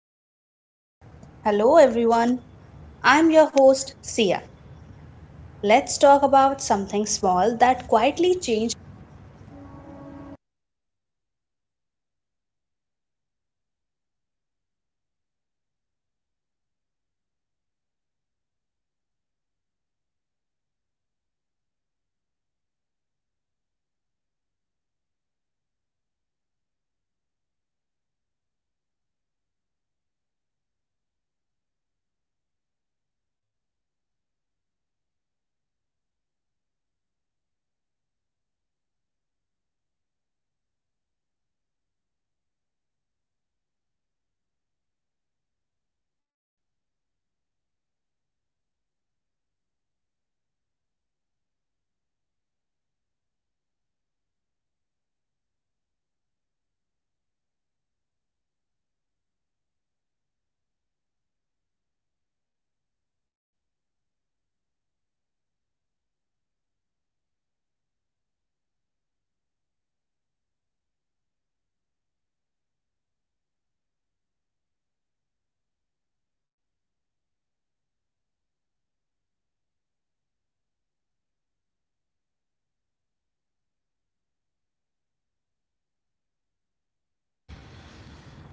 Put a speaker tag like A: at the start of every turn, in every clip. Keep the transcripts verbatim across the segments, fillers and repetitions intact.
A: So, hello everyone. I'm your host Sia. Let's talk about something small that quietly changed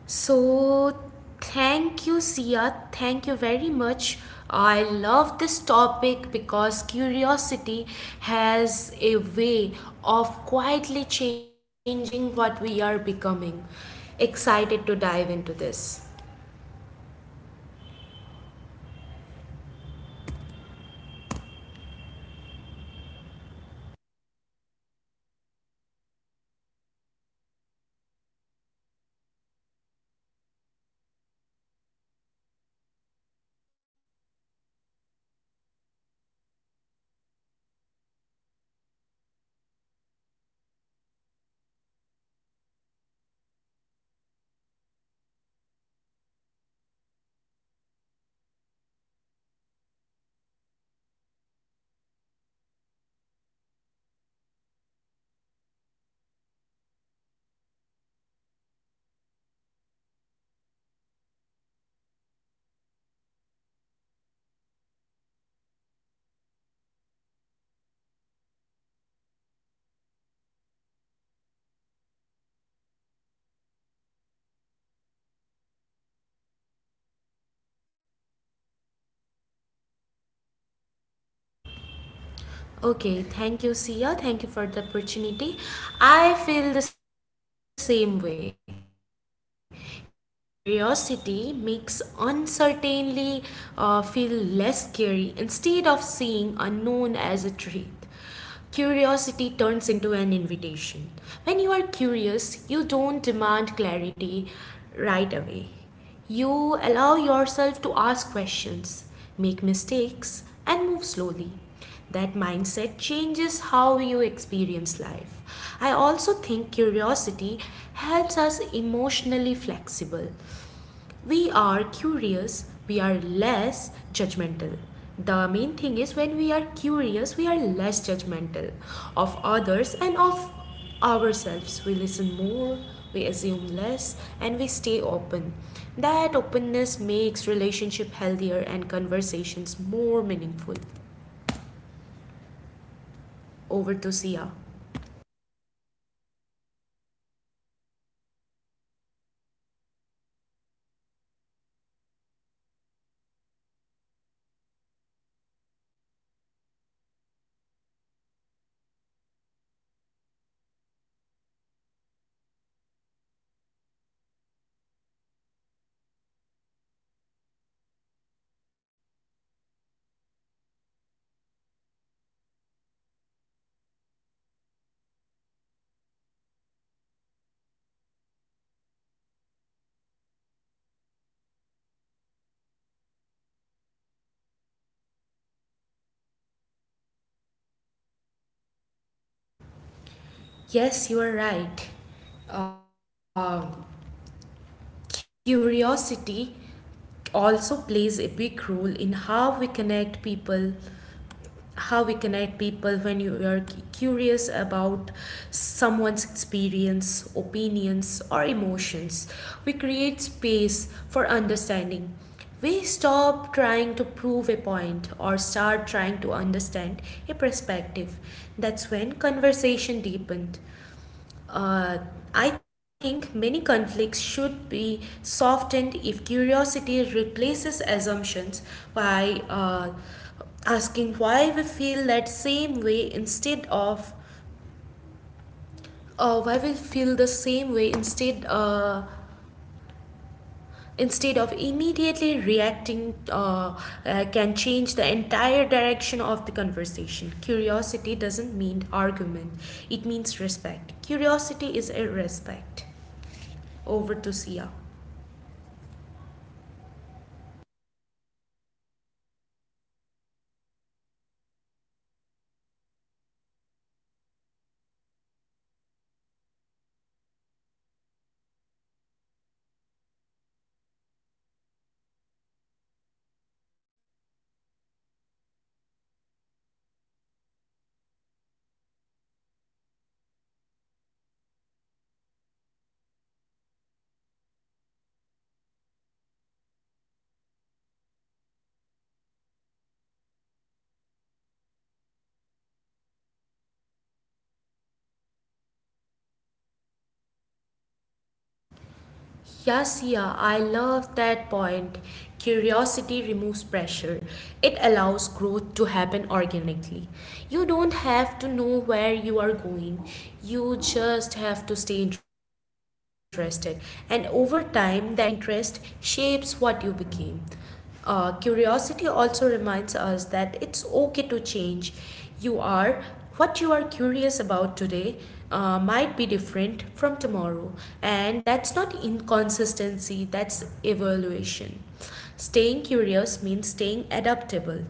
B: So, thank you, Sia. Thank you very much. I love this topic because curiosity has a way of quietly changing what we are becoming. Excited to dive into this. Okay, thank you, Sia. Thank you for the opportunity. I feel the same way. Curiosity makes uncertainty uh, feel less scary instead of seeing unknown as a threat. Curiosity turns into an invitation. When you are curious, you don't demand clarity right away. You allow yourself to ask questions, make mistakes, and move slowly. That mindset changes how you experience life. I also think curiosity helps us emotionally flexible. We are curious, we are less judgmental. The main thing is when we are curious, we are less judgmental of others and of ourselves. We listen more, we assume less, and we stay open. That openness makes relationship healthier and conversations more meaningful over to Sia. Yes, you are right. Um curiosity also plays a big role in how we connect people how we connect people when you are cu- curious about someone's experience, opinions, or emotions. We create space for understanding. We stop trying to prove a point or start trying to understand a perspective. That's when conversation deepened. Uh, I think many conflicts should be softened if curiosity replaces assumptions by uh, asking why we feel that same way instead of uh, why we feel the same way instead uh, instead of immediately reacting uh, uh, can change the entire direction of the conversation. Curiosity doesn't mean argument, it means respect. Curiosity is a respect over to Sia. Yes, yeah, I love that point. Curiosity removes pressure. It allows growth to happen organically. You don't have to know where you are going. You just have to stay interested. And over time, that interest shapes what you became. Uh, curiosity also reminds us that it's okay to change. You are what you are curious about today uh, might be different from tomorrow, and that's not inconsistency, that's evaluation. Staying curious means staying adaptable.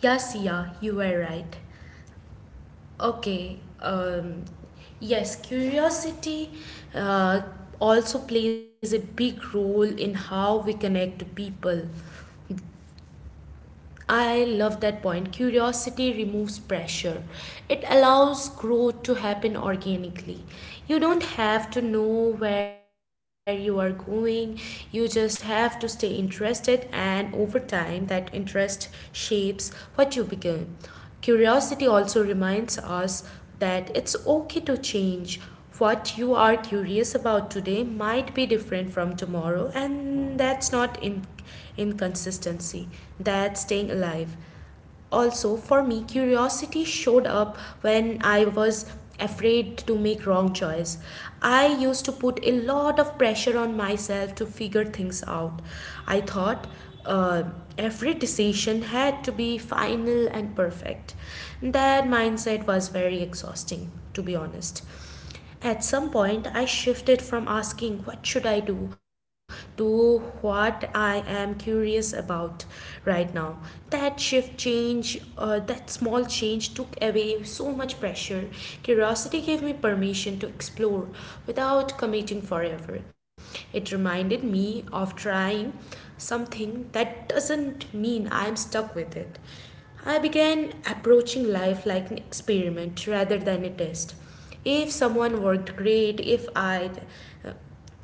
B: Yes, yeah, you were right. Okay, um, yes, curiosity uh, also plays a big role in how we connect to people. I love that point. Curiosity removes pressure. It allows growth to happen organically. You don't have to know where you are going, you just have to stay interested, and over time, that interest shapes what you become. Curiosity also reminds us that it's okay to change. What you are curious about today might be different from tomorrow, and that's not in- inconsistency, that's staying alive. Also, for me, curiosity showed up when I was afraid to make wrong choice. I used to put a lot of pressure on myself to figure things out. I thought uh, every decision had to be final and perfect. That mindset was very exhausting, to be honest. At some point, I shifted from asking, "What should I do?" to what I am curious about right now. That shift change, uh, that small change took away so much pressure. Curiosity gave me permission to explore without committing forever. It reminded me of trying something that doesn't mean I'm stuck with it. I began approaching life like an experiment rather than a test. If someone worked great, if i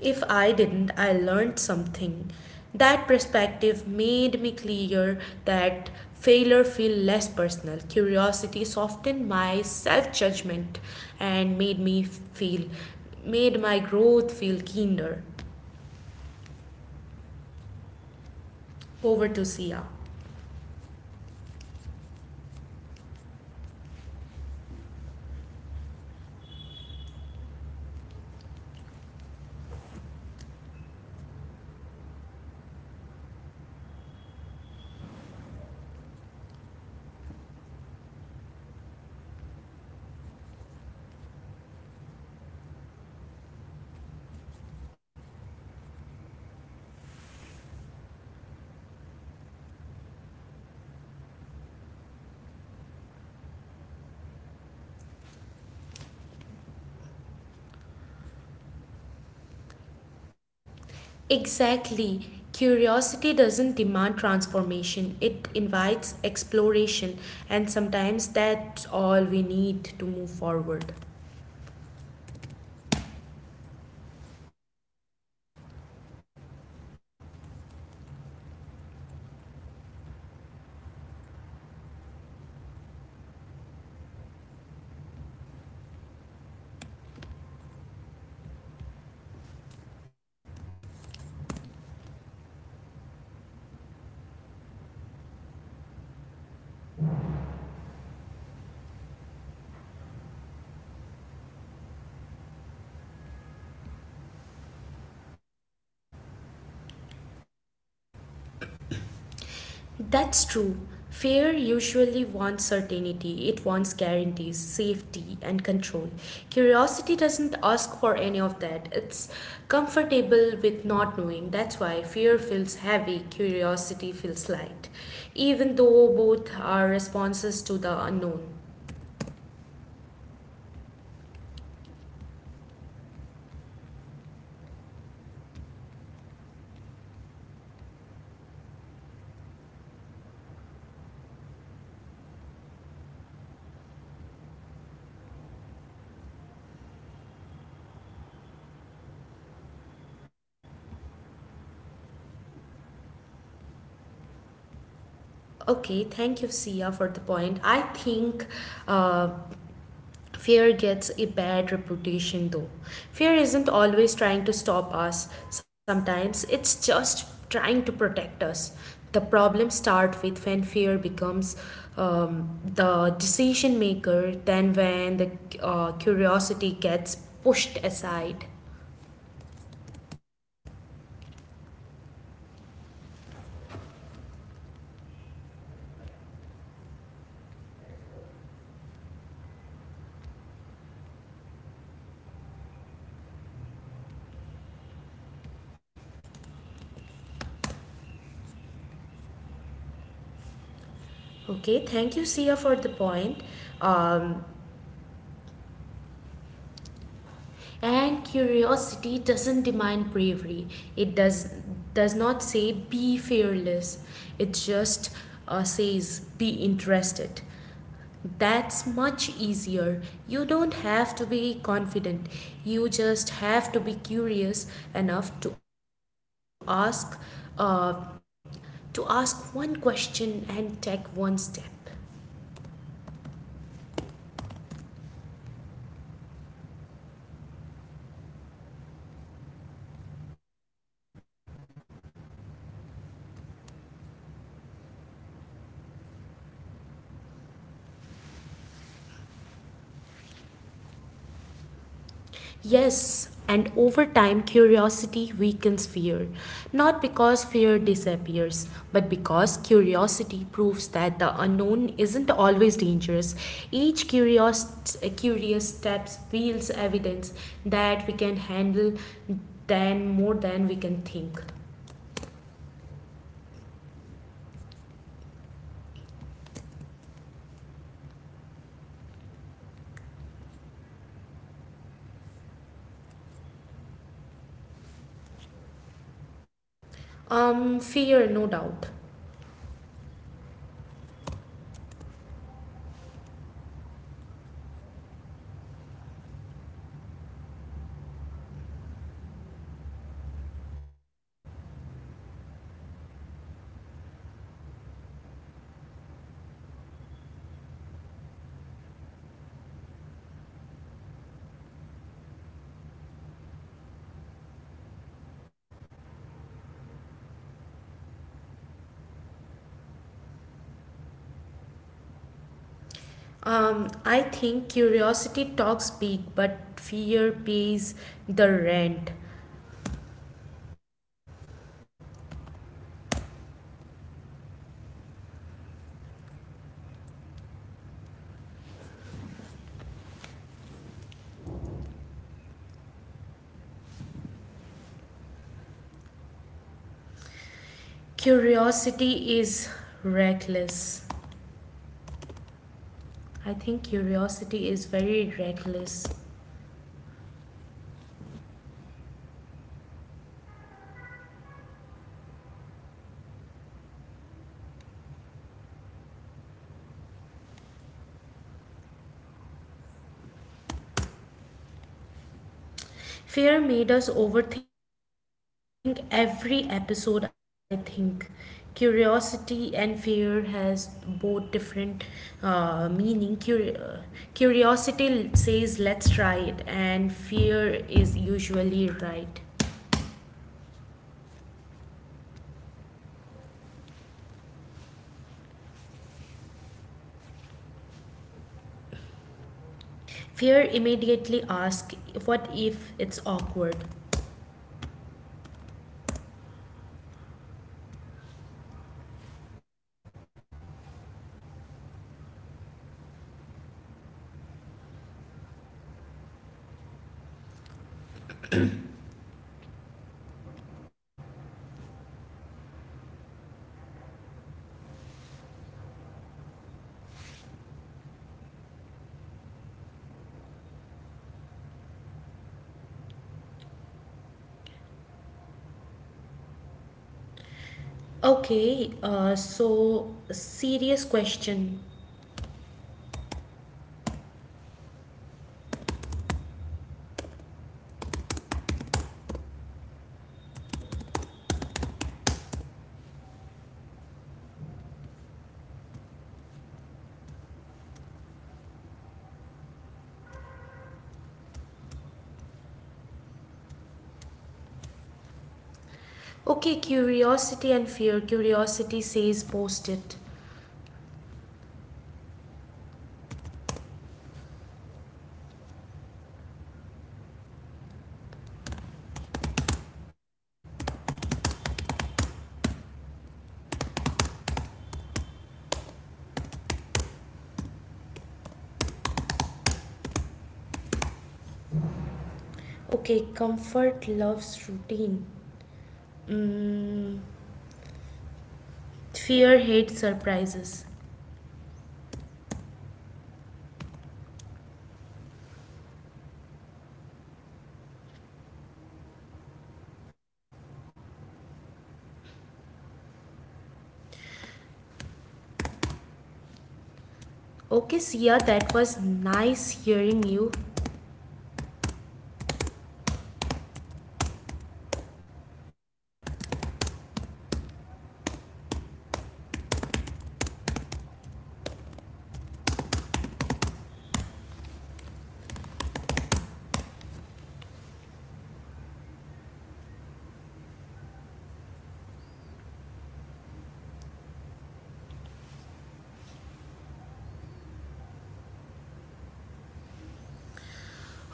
B: if i didn't I learned something. That perspective made me clear that failure feel less personal. Curiosity softened my self judgment and made me feel made my growth feel keener over to Sia. Exactly. Curiosity doesn't demand transformation, it invites exploration, and sometimes that's all we need to move forward. That's true. Fear usually wants certainty, it wants guarantees, safety, and control. Curiosity doesn't ask for any of that. It's comfortable with not knowing. That's why fear feels heavy, curiosity feels light, even though both are responses to the unknown. Okay, thank you, Sia, for the point. I think uh, fear gets a bad reputation though. Fear isn't always trying to stop us, sometimes it's just trying to protect us. The problem starts with when fear becomes um, the decision maker, then when the uh, curiosity gets pushed aside. Okay, thank you, Sia, for the point. Um, And curiosity doesn't demand bravery. It does does not say be fearless. It just uh, says be interested. That's much easier. You don't have to be confident. You just have to be curious enough to ask uh, to ask one question and take one step. Yes, and over time, curiosity weakens fear. Not because fear disappears, but because curiosity proves that the unknown isn't always dangerous. Each curious, curious step reveals evidence that we can handle than more than we can think. Um, fear, no doubt. Um, I think curiosity talks big, but fear pays the rent. Curiosity is reckless. I think curiosity is very reckless. Fear made us overthink every episode, I think. Curiosity and fear has both different uh, meaning. Curi- uh, curiosity says let's try it, and fear is usually right. Fear immediately asks, "What if it's awkward?" Okay, uh, so serious question. Okay, curiosity and fear. Curiosity says post it. Okay, comfort loves routine. Mm, fear hates surprises. Okay, Sia, that was nice hearing you.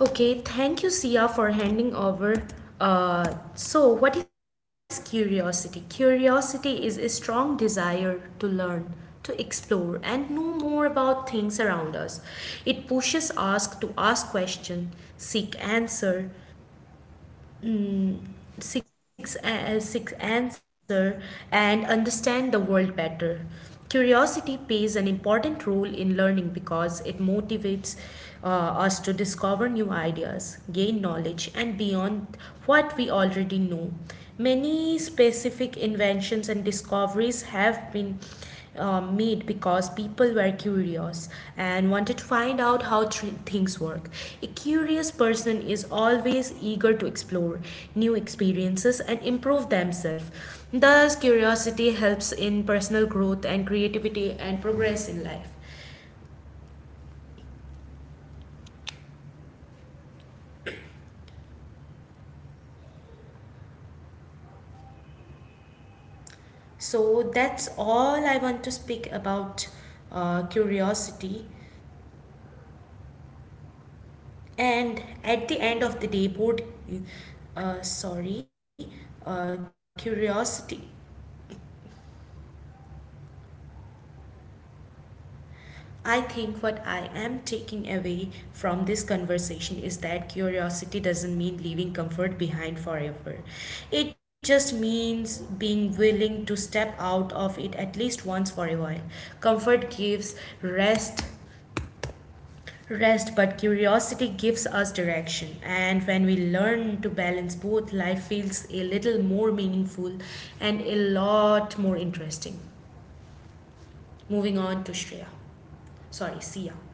B: Okay, thank you, Sia, for handing over. Uh, so, what is curiosity? Curiosity is a strong desire to learn, to explore, and know more about things around us. It pushes us to ask questions, seek answer, six, uh, six answer and understand the world better. Curiosity plays an important role in learning because it motivates uh, us to discover new ideas, gain knowledge, and beyond what we already know. Many specific inventions and discoveries have been um, made because people were curious and wanted to find out how thr- things work. A curious person is always eager to explore new experiences and improve themselves. Thus, curiosity helps in personal growth and creativity and progress in life. So, that's all I want to speak about uh, curiosity. And at the end of the day, both, uh, sorry, uh, curiosity, I think what I am taking away from this conversation is that curiosity doesn't mean leaving comfort behind forever. It just means being willing to step out of it at least once for a while. Comfort gives rest, rest, but curiosity gives us direction. And when we learn to balance both, life feels a little more meaningful and a lot more interesting. Moving on to Shreya. Sorry, Sia.